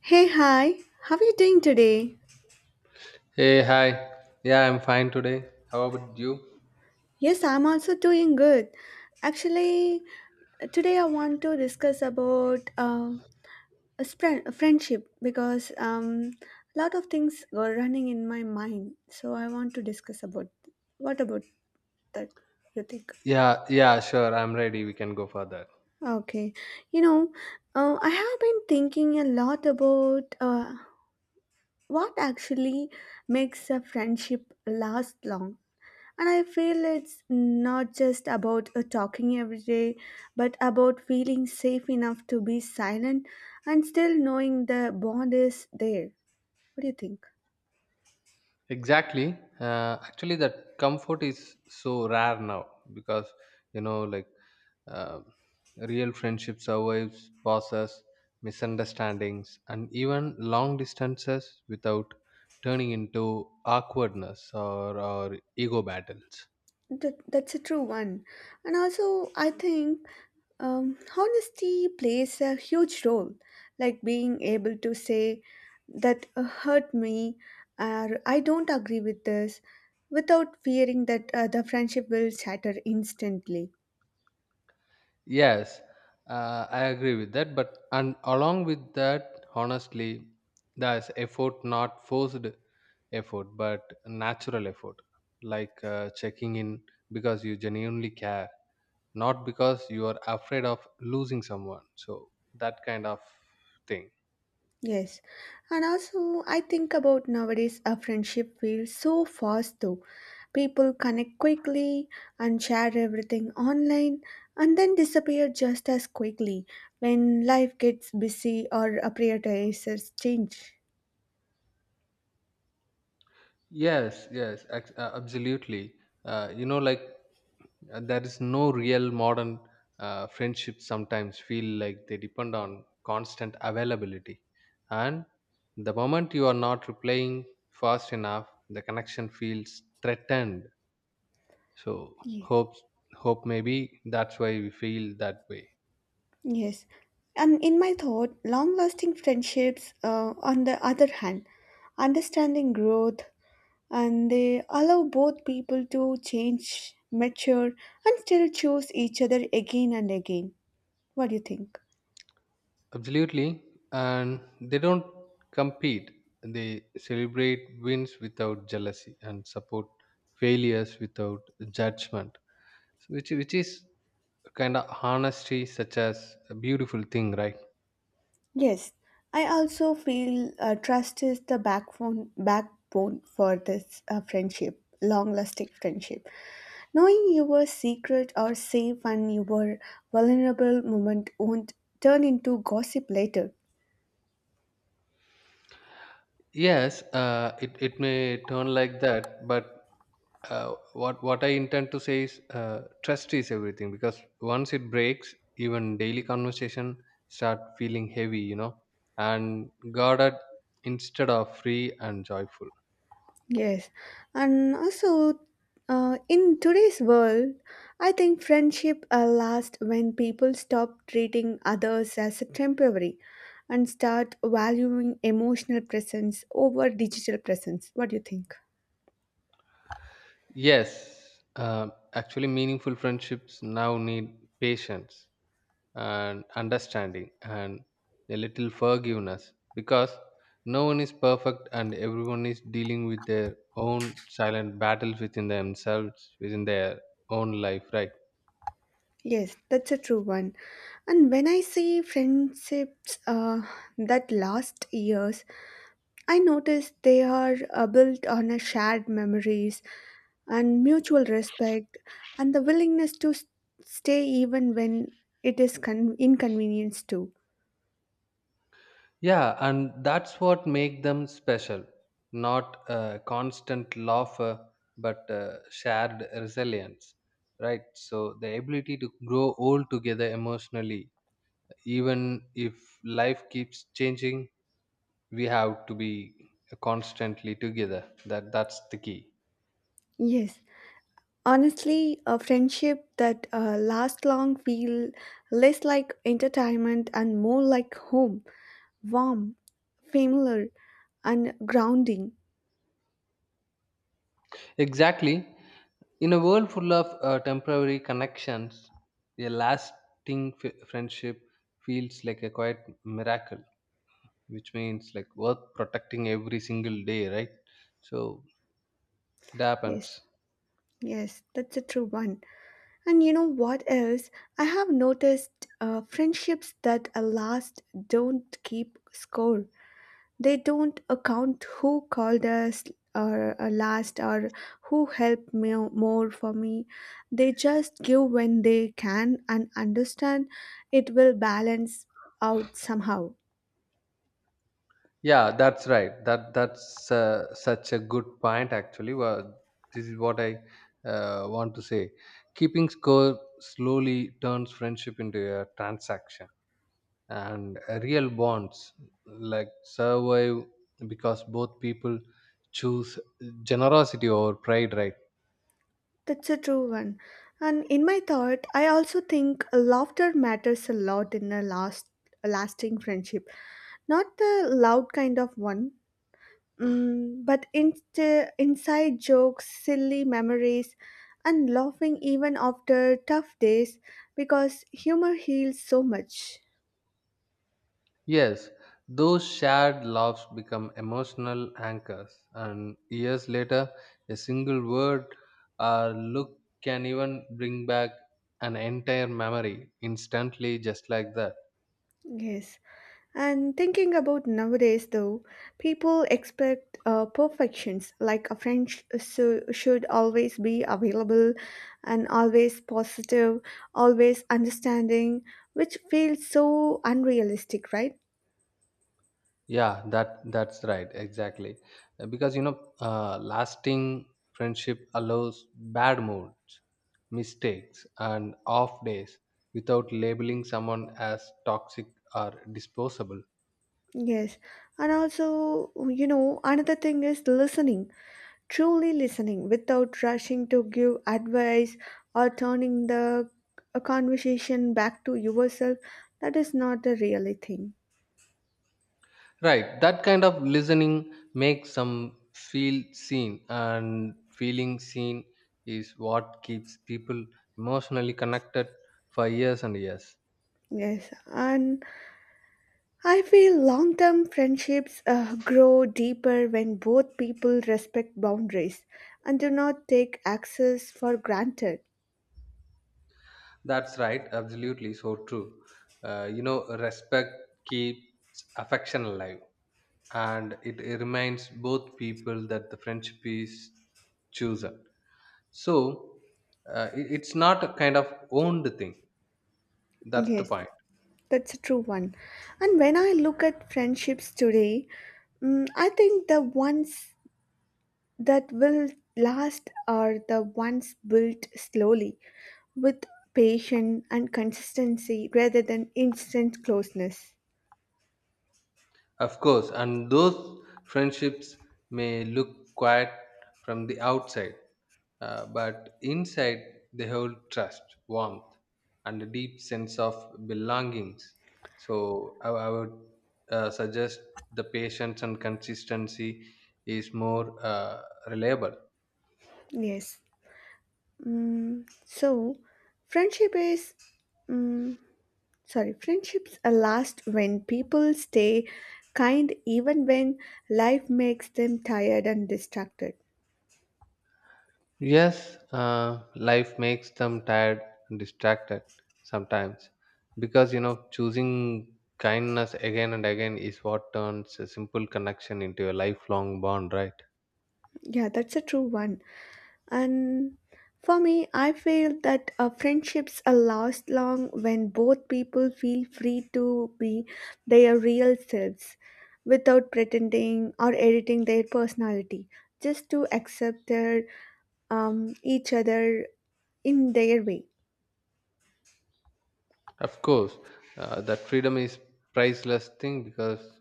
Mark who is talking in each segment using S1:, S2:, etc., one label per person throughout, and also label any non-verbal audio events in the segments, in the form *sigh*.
S1: Hey, hi, how are you doing today?
S2: Hey, hi. Yeah, I'm fine today. How about you?
S1: Yes, I'm also doing good. Actually, today I want to discuss about a friendship because a lot of things were running in my mind. So I want to discuss about what about that you think?
S2: Yeah, yeah, sure. I'm ready. We can go for that.
S1: Okay, you know, I have been thinking a lot about what actually makes a friendship last long. And I feel it's not just about talking every day, but about feeling safe enough to be silent and still knowing the bond is there. What do you think?
S2: Exactly. Actually, that comfort is so rare now because, you know, like uh, real friendship survives pauses, misunderstandings, and even long distances without turning into awkwardness or ego battles.
S1: That's a true one. And also, I think honesty plays a huge role, like being able to say that hurt me or I don't agree with this without fearing that the friendship will shatter instantly.
S2: Yes, I agree with that. But and along with that, honestly, there's effort, not forced effort, but natural effort, like checking in because you genuinely care, not because you are afraid of losing someone. So that kind of thing.
S1: Yes, and also I think about nowadays a friendship feels so fast though. People connect quickly and share everything online and then disappear just as quickly when life gets busy or priorities change.
S2: Yes, yes, absolutely. Uh, you know, like there is no real modern friendships sometimes feel like they depend on constant availability. And the moment you are not replying fast enough, the connection feels threatened. So,
S1: Yeah.
S2: hope, hope maybe that's why we feel that way.
S1: Yes, and in my thought, long lasting friendships, on the other hand, understanding growth and they allow both people to change, mature, and still choose each other again and again. What do you think?
S2: Absolutely. And they don't compete, they celebrate wins without jealousy and support failures without judgment. So which is kind of honesty, such as a beautiful thing, right?
S1: Yes, I also feel trust is the backbone for this friendship, long-lasting friendship. Knowing your secret are safe and your vulnerable moment won't turn into gossip later.
S2: Yes, it may turn like that, but what I intend to say is trust is everything because once it breaks, even daily conversation start feeling heavy, you know, and guarded instead of free and joyful.
S1: Yes, and also in today's world, I think friendship lasts when people stop treating others as a temporary and start valuing emotional presence over digital presence. What do you think?
S2: Yes, uh, actually, meaningful friendships now need patience and understanding and a little forgiveness because no one is perfect and everyone is dealing with their own silent battles within themselves, within their own life, right?
S1: Yes, that's a true one. And when I see friendships that last years, I notice they are built on a shared memories and mutual respect and the willingness to stay even when it is inconvenience too.
S2: Yeah, and that's what make them special. Not a constant laughter, but shared resilience, right? So the ability to grow old together emotionally, even if life keeps changing, we have to be constantly together. That's the key.
S1: Yes, honestly, a friendship that lasts long feel less like entertainment and more like home, warm, familiar, and grounding.
S2: Exactly. In a world full of temporary connections, a lasting friendship feels like a quiet miracle, which means like worth protecting every single day, right? So it
S1: Yes,
S2: happens.
S1: yes, that's a true one. And you know what else? I have noticed friendships that last don't keep score. They don't account who called us or last or who helped me more for me. They just give when they can and understand it will balance out somehow.
S2: Yeah, that's right. That's such a good point. Actually, well, this is what I want to say: keeping score slowly turns friendship into a transaction, and real bonds like survive because both people choose generosity over pride, right?
S1: That's a true one. And in my thought, I also think laughter matters a lot in a lasting friendship, not the loud kind of one. Mm, but inst- Inside jokes, silly memories, and laughing even after tough days because humor heals so much.
S2: Yes, those shared laughs become emotional anchors, and years later, a single word or look can even bring back an entire memory instantly, just like that.
S1: Yes. And thinking about nowadays, though, people expect perfections like so should always be available and always positive, always understanding, which feels so unrealistic, right?
S2: Yeah, that that's right, exactly. Because you know, lasting friendship allows bad moods, mistakes, and off days without labeling someone as toxic or disposable.
S1: Yes. And also, you know, another thing is listening, truly listening without rushing to give advice or turning the a conversation back to yourself. That is not a really thing.
S2: Right, that kind of listening makes some feel seen, and feeling seen is what keeps people emotionally connected for years and years.
S1: Yes, and I feel long term friendships grow deeper when both people respect boundaries and do not take access for granted.
S2: That's right, absolutely so true. You know, respect keeps affection alive, and it reminds both people that the friendship is chosen. So, it's not a kind of owned thing. That's the
S1: Yes,
S2: point.
S1: that's a true one. And when I look at friendships today, mm, I think the ones that will last are the ones built slowly with patience and consistency rather than instant closeness.
S2: Of course, and those friendships may look quiet from the outside, but inside they hold trust, warmth, and a deep sense of belongings. So I would suggest the patience and consistency is more reliable.
S1: Yes. Mm, so, friendship is. Mm, Friendships are last when people stay kind even when life makes them tired and distracted.
S2: Yes, life makes them tired and distracted sometimes because you know choosing kindness again and again is what turns a simple connection into a lifelong bond, right?
S1: Yeah, that's a true one. And for me, I feel that friendships are last long when both people feel free to be their real selves without pretending or editing their personality, just to accept their, each other in their way.
S2: Of course, that freedom is priceless thing because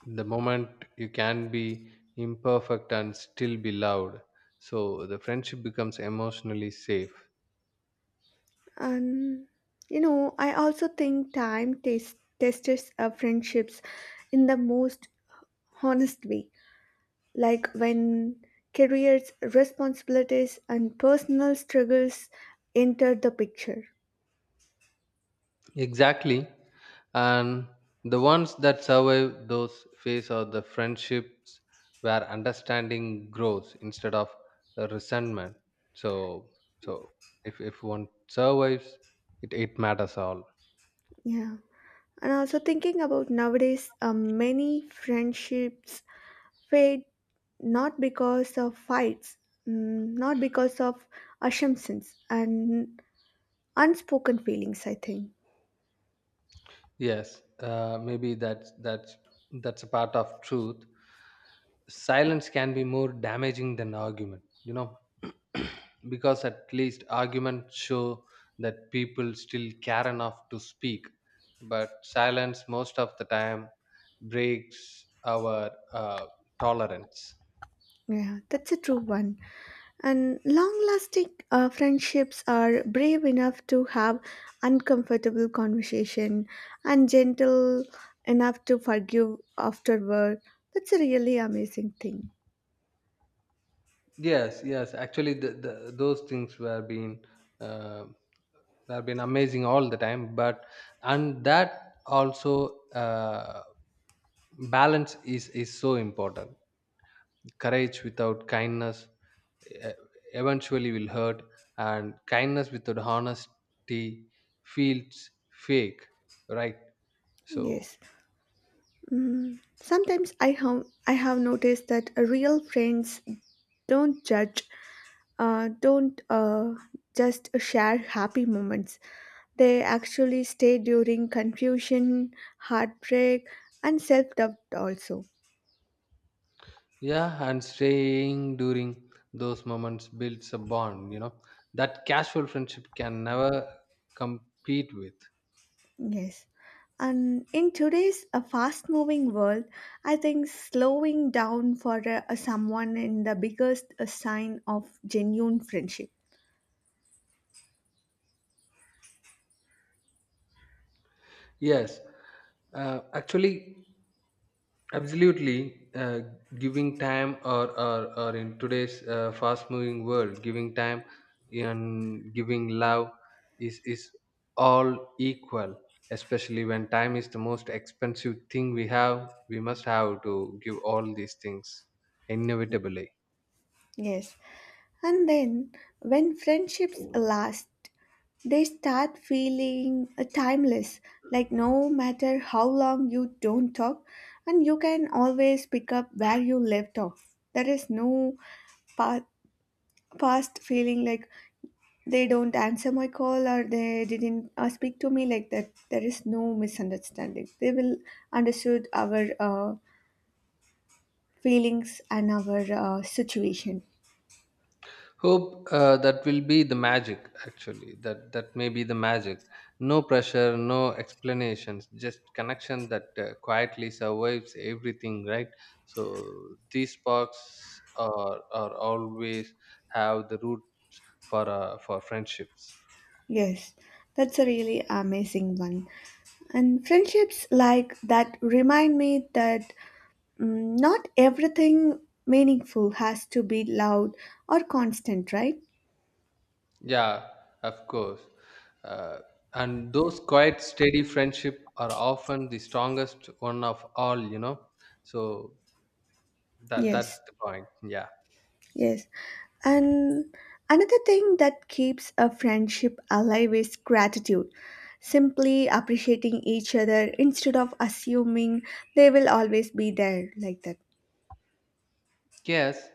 S2: the moment you can be imperfect and still be loved, so the friendship becomes emotionally safe.
S1: And you know, I also think tests friendships in the most honest way, like when careers, responsibilities, and personal struggles enter the picture.
S2: Exactly. And the ones that survive those phase are the friendships where understanding grows instead of resentment. So so if one survives it, matters all.
S1: Yeah. And also thinking about nowadays, many friendships fade not because of fights, mm, not because of assumptions and unspoken feelings, I think.
S2: Yes, maybe that's a part of truth. Silence can be more damaging than argument, you know, *clears throat* because at least arguments show that people still care enough to speak, but silence most of the time breaks our tolerance.
S1: Yeah, that's a true one. And long lasting friendships are brave enough to have uncomfortable conversation and gentle enough to forgive afterward. That's a really amazing thing.
S2: Yes, yes. Actually, the those things uh, were been amazing all the time. But and that also balance is so important. Courage without kindness uh, eventually will hurt, and kindness without honesty feels fake, right? So
S1: Yes. Sometimes I have noticed that real friends don't judge, don't just share happy moments. They actually stay during confusion, heartbreak, and self doubt, also.
S2: yeah, and staying during those moments builds a bond, you know, that casual friendship can never compete with.
S1: Yes. And in today's fast moving world, I think slowing down for someone in the biggest sign of genuine friendship.
S2: Yes, actually, absolutely. Giving time, or in today's fast moving world, giving time and giving love is all equal, especially when time is the most expensive thing we have. We must have to give all these things inevitably.
S1: Yes. And then, when friendships last, they start feeling timeless, like no matter how long you don't talk, and you can always pick up where you left off. There is no pa- past feeling like they don't answer my call or they didn't speak to me like that. There is no misunderstanding. They will understood our feelings and our situation.
S2: Hope that will be the magic. Actually, that that may be the magic: no pressure, no explanations, just connection that quietly survives everything, right? So these sparks are always have the root for friendships.
S1: Yes, that's a really amazing one. And friendships like that remind me that mm, not everything meaningful has to be loud or constant, right?
S2: Yeah, of course, uh, and those quiet steady friendship are often the strongest one of all, you know. So that that's
S1: Yes,
S2: the point. Yeah.
S1: yes. And another thing that keeps a friendship alive is gratitude. Simply appreciating each other instead of assuming they will always be there like that.
S2: Yes,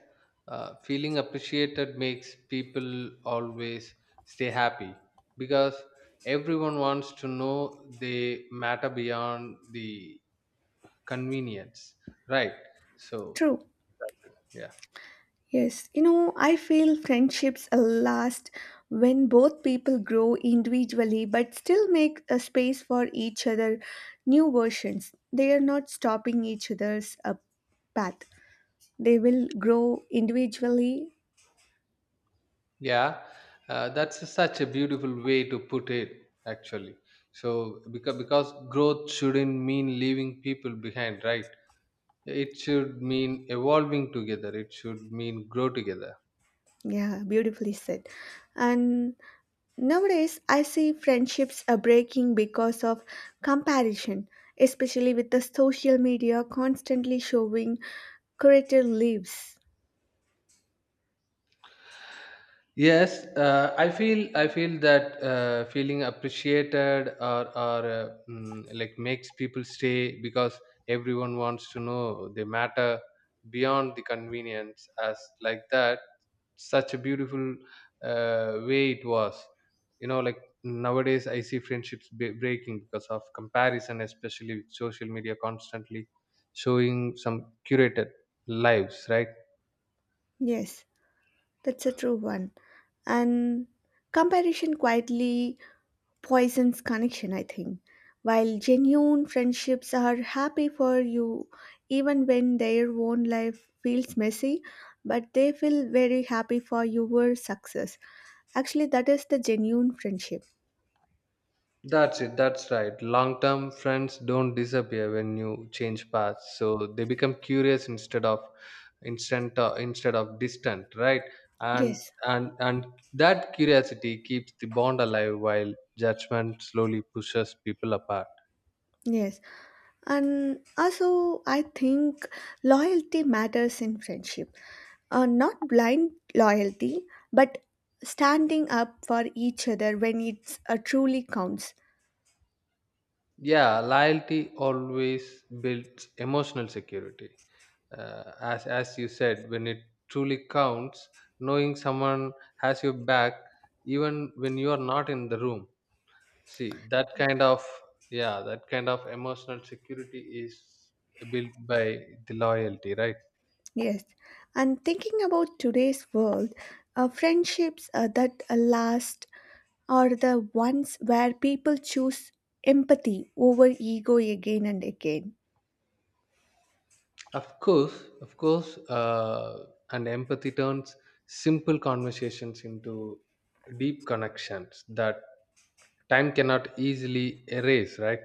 S2: uh, feeling appreciated makes people always stay happy because everyone wants to know they matter beyond the convenience, right? So,
S1: True.
S2: that's it. Yeah,
S1: Yes, you know, I feel friendships last when both people grow individually but still make a space for each other new versions. They are not stopping each other's path. They will grow individually.
S2: yeah, that's such a beautiful way to put it, actually. So, because growth shouldn't mean leaving people behind, right? It should mean evolving together. It should mean grow together.
S1: Yeah, beautifully said. And nowadays, I see friendships are breaking because of comparison, especially with the social media constantly showing curated lives.
S2: Yes, I feel that feeling appreciated or or like makes people stay because everyone wants to know they matter beyond the convenience. As like that, such a beautiful way it was. You know, like nowadays I see friendships breaking because of comparison, especially with social media constantly showing some curated lives, right?
S1: Yes. That's a true one. And comparison quietly poisons connection, I think. While genuine friendships are happy for you, even when their own life feels messy, but they feel very happy for your success. Actually, that is the genuine friendship.
S2: That's it. That's right. Long term friends don't disappear when you change paths. So they become curious instead of instant instead of distant, right? And
S1: Yes,
S2: and that curiosity keeps the bond alive while judgment slowly pushes people apart.
S1: yes. And also, I think loyalty matters in friendship. Not blind loyalty, but standing up for each other when it truly counts.
S2: Yeah, loyalty always builds emotional security. As you said, when it truly counts, knowing someone has your back even when you are not in the room. See, that kind of, yeah, that kind of emotional security is built by the loyalty, right?
S1: Yes. And thinking about today's world, friendships that last are the ones where people choose empathy over ego again and again.
S2: Of course, and empathy turns simple conversations into deep connections that time cannot easily erase, right?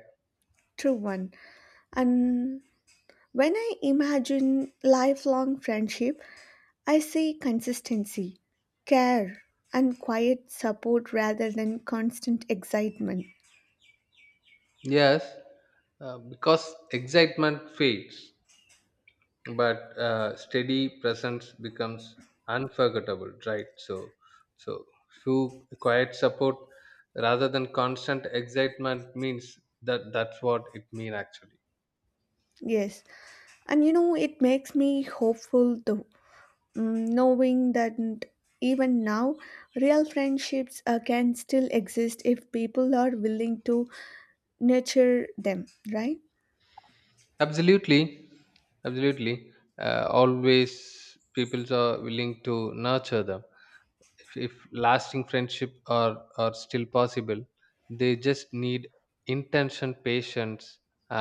S1: True one. And when I imagine lifelong friendship, I see consistency, care, and quiet support rather than constant excitement.
S2: Yes, because excitement fades, but steady presence becomes unforgettable, right? So few quiet support rather than constant excitement means that that's what it mean, actually.
S1: Yes, and you know, it makes me hopeful though, mm, knowing that even now, real friendships can still exist if people are willing to nurture them, right?
S2: Absolutely, absolutely. Uh, always people are willing to nurture them. If lasting friendship are still possible, they just need intention, patience,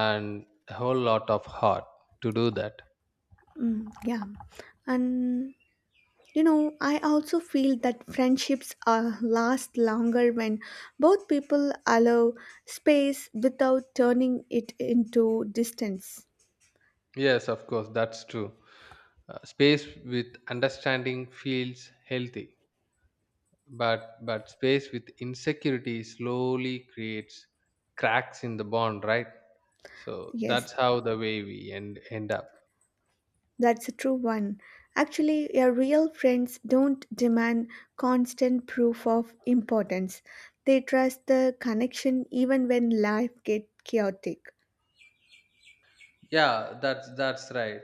S2: and a whole lot of heart to do that.
S1: Mm, yeah, and you know, I also feel that friendships last longer when both people allow space without turning it into distance.
S2: Yes, of course, that's true. Space with understanding feels healthy, but space with insecurity slowly creates cracks in the bond, right? So
S1: Yes,
S2: that's how the way we end up.
S1: that's a true one. Actually, your real friends don't demand constant proof of importance. They trust the connection even when life gets chaotic.
S2: Yeah that's right,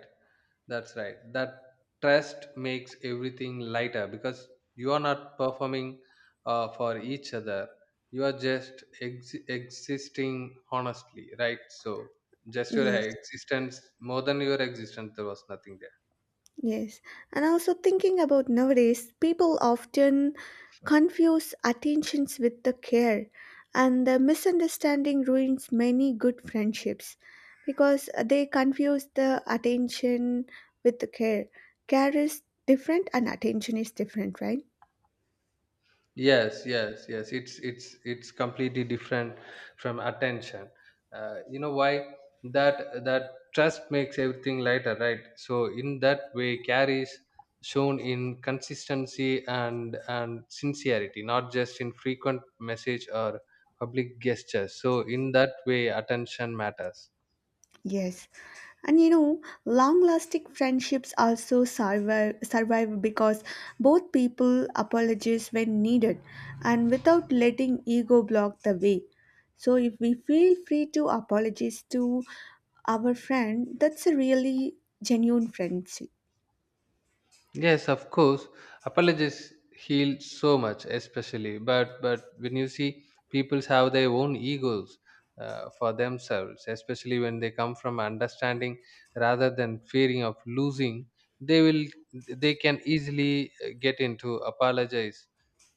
S2: that's right, that trust makes everything lighter because you are not performing for each other. You are just existing honestly, right? So just your
S1: Yes.
S2: existence, more than your existence there was nothing there.
S1: Yes, and also thinking about nowadays, people often confuse attentions with the care, and the misunderstanding ruins many good friendships because they confuse the attention with the care. Care is different, and attention is different, right?
S2: Yes, it's completely different from attention. Uh, you know why? That trust makes everything lighter, right? So in that way care is shown in consistency and sincerity, not just in frequent message or public gestures. So in that way attention matters.
S1: Yes. And you know, long lasting friendships also survive because both people apologize when needed and without letting ego block the way. So, if we feel free to apologize to our friend, that's a really genuine friendship.
S2: Yes, of course. Apologies heal so much, especially. But when you see people have their own egos for themselves, especially when they come from understanding rather than fearing of losing, they will they can easily get into apologize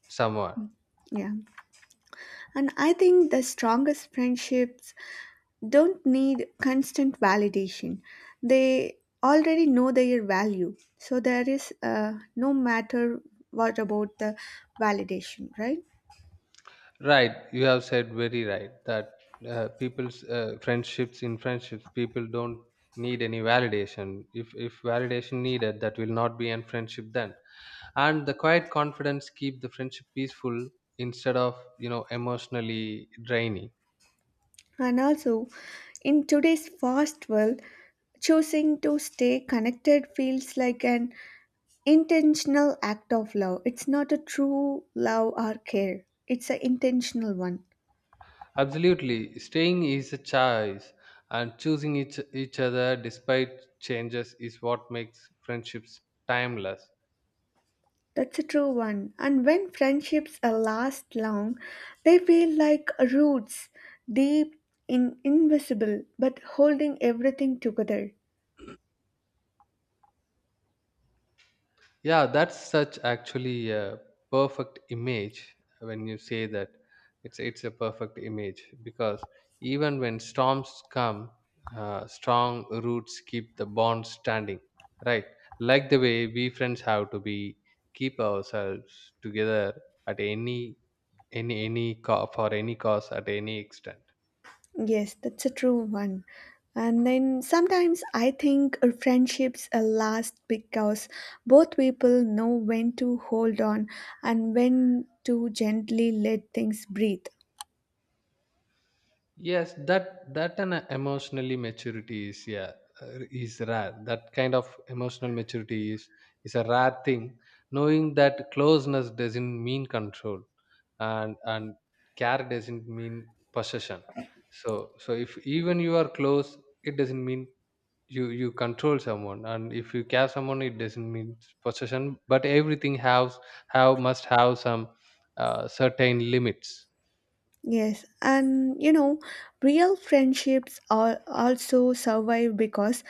S2: someone.
S1: Yeah. And I think the strongest friendships don't need constant validation. They already know their value. So there is no matter what about the validation, right?
S2: Right? You have said very right that people's friendships in friendships people don't need any validation. If validation needed, that will not be in friendship then, and the quiet confidence keep the friendship peaceful instead of, you know, emotionally draining.
S1: And also, in today's fast world, choosing to stay connected feels like an intentional act of love. It's not a true love or care, it's an intentional one.
S2: Absolutely, staying is a choice, and choosing each other despite changes is what makes friendships timeless.
S1: That's a true one. And when friendships last long, they feel like roots, deep, invisible, but holding everything together.
S2: Yeah, that's such actually a perfect image when you say that. It's a perfect image because even when storms come, strong roots keep the bond standing, right? Like the way we friends have to be keep ourselves together at any any for any cause at any extent.
S1: Yes, that's a true one. And then sometimes I think friendships last because both people know when to hold on and when to gently let things breathe.
S2: Yes, that that an emotionally maturity is, yeah, is rare. That kind of emotional maturity is a rare thing, knowing that closeness doesn't mean control, and care doesn't mean possession. So if even you are close, it doesn't mean you you control someone, and if you care someone it doesn't mean possession. But everything has have must have some certain limits.
S1: Yes, and you know, real friendships are also survive because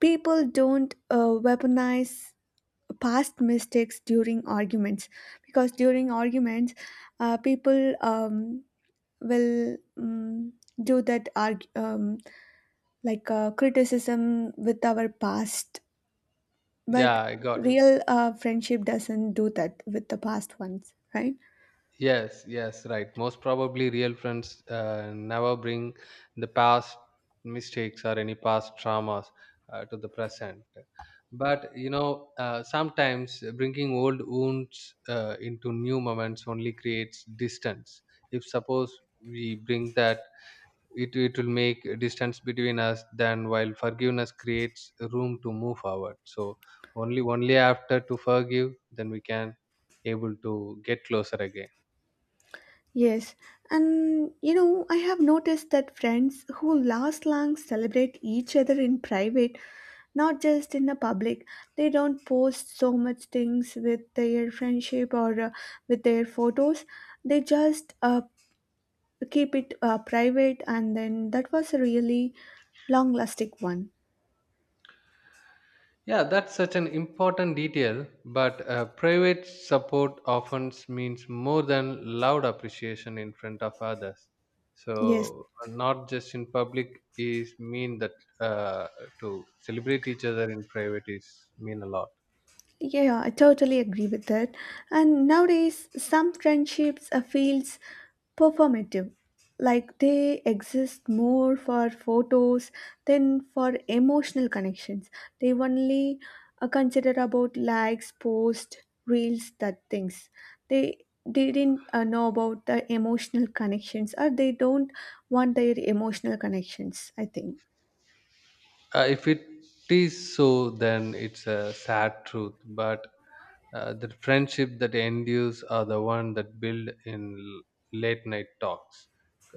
S1: people don't weaponize past mistakes during arguments. Because during arguments, people will do that arg- like criticism with our past, but
S2: Yeah, I got it.
S1: real friendship doesn't do that with the past ones, right?
S2: Yes, yes, right. Most probably, real friends never bring the past mistakes or any past traumas to the present. But you know, sometimes bringing old wounds into new moments only creates distance. If suppose we bring that, it will make a distance between us. Then, while forgiveness creates room to move forward. So only after to forgive, then we can able to get closer again.
S1: Yes, and you know, I have noticed that friends who last long celebrate each other in private, not just in the public. They don't post so much things with their friendship or with their photos. They just keep it private, and then that was a really long lasting one.
S2: Yeah, that's such an important detail, but private support often means more than loud appreciation in front of others.
S1: Yes,
S2: So, not just in public is mean that uh, to celebrate each other in private is mean a lot.
S1: yeah, I totally agree with that. And nowadays, some friendships feels performative, like they exist more for photos than for emotional connections. They only consider about likes, posts, reels, that things. They didn't know about the emotional connections, or they don't want their emotional connections. I think.
S2: If it is so, then it's a sad truth. But the friendship that endures are the one that build in late night talks.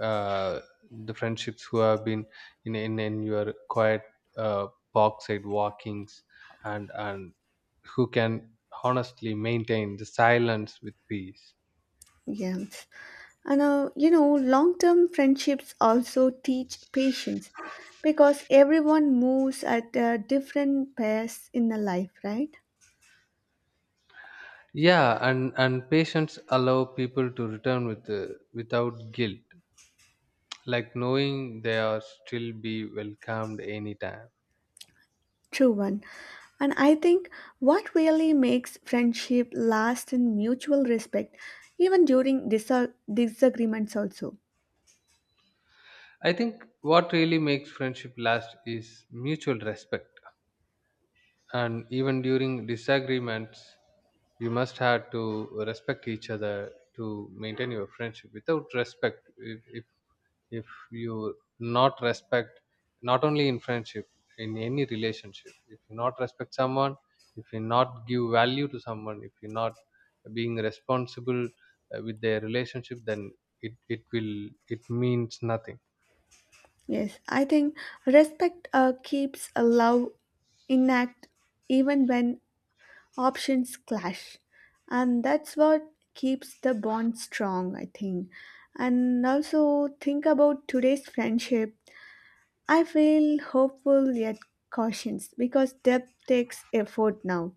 S2: Uh, the friendships who have been in your quiet uh, park side walkings, and who can honestly maintain the silence with peace.
S1: Yeah. And you know, long term friendships also teach patience because everyone moves at a different pace in the life, right?
S2: Yeah, and patience allow people to return with without guilt, like knowing they are still be welcomed anytime.
S1: True one. And I think what really makes friendship last in mutual respect, even during disagreements, also.
S2: I think what really makes friendship last is mutual respect, and even during disagreements you must have to respect each other to maintain your friendship. Without respect, if you not respect, not only in friendship, in any relationship, if you not respect someone, if you not give value to someone, if you not being responsible with their relationship, then it will it means nothing.
S1: Yes, I think respect keeps a love intact even when options clash, and that's what keeps the bond strong, I think. And also think about today's friendship, I feel hopeful yet cautious because depth takes effort now.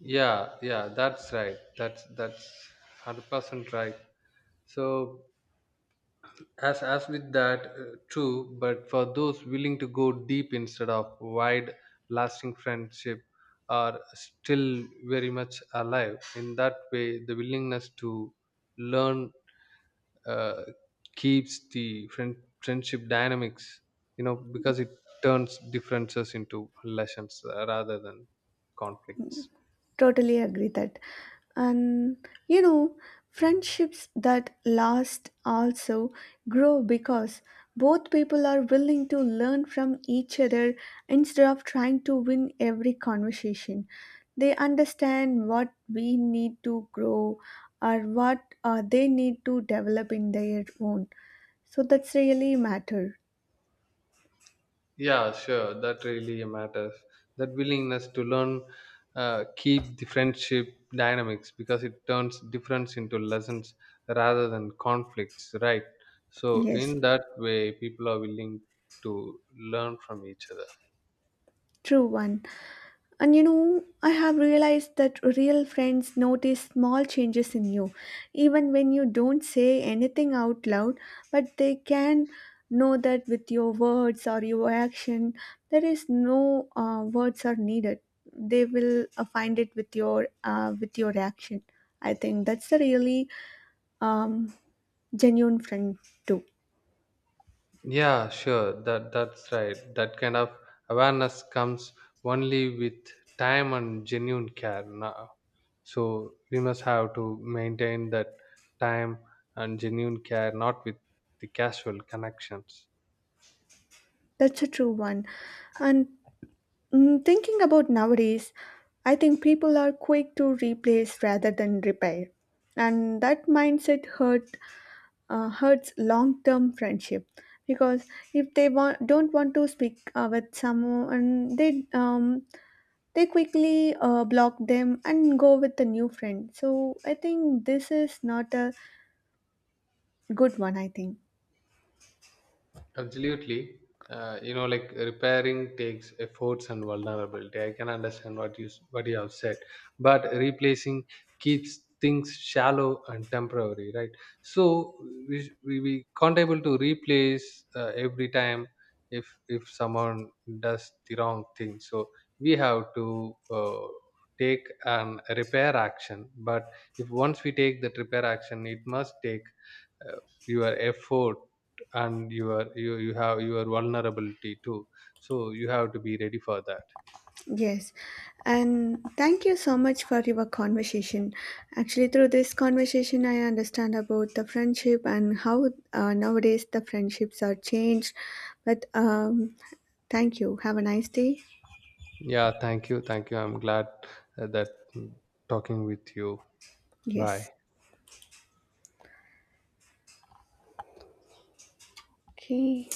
S2: Yeah, yeah, that's right, that's 100% right. So as with that true, but for those willing to go deep instead of wide, lasting friendship are still very much alive. In that way the willingness to learn uh, keeps the friendship dynamics, you know, because it turns differences into lessons rather than conflicts.
S1: Totally agree that. And you know, friendships that last also grow because both people are willing to learn from each other instead of trying to win every conversation. They understand what we need to grow or what they need to develop in their own. So that's really matter.
S2: Yeah, sure. That really matters. That willingness to learn keep the friendship dynamics because it turns difference into lessons rather than conflicts, right? So
S1: Yes,
S2: in that way, people are willing to learn from each other.
S1: true one. And you know, I have realized that real friends notice small changes in you, even when you don't say anything out loud, but they can know that with your words or your action. There is no words are needed. They will find it with your action. I think that's a really um, genuine friend too.
S2: Yeah, sure. That that's right. That kind of awareness comes only with time and genuine care now. So we must have to maintain that time and genuine care, not with the casual connections.
S1: That's a true one. And mm, thinking about nowadays, I think people are quick to replace rather than repair, and that mindset hurts long-term friendship because if they want, don't want to speak with someone, they quickly block them and go with a new friend. So I think this is not a good one. I think.
S2: Absolutely. You know, like repairing takes efforts and vulnerability. I can understand what you what you have said, but replacing keeps things shallow and temporary, right? So we we can't able to replace every time if someone does the wrong thing. So we have to uh, take an repair action. But if once we take that repair action, it must take uh, your effort and your you have your vulnerability too, so you have to be ready for that.
S1: Yes, and thank you so much for your conversation. Actually, through this conversation, I understand about the friendship and how nowadays the friendships are changed. But thank you. Have a nice day.
S2: Yeah, thank you, thank you. I'm glad uh, that mm, talking with you. Bye.
S1: Yes. Okay.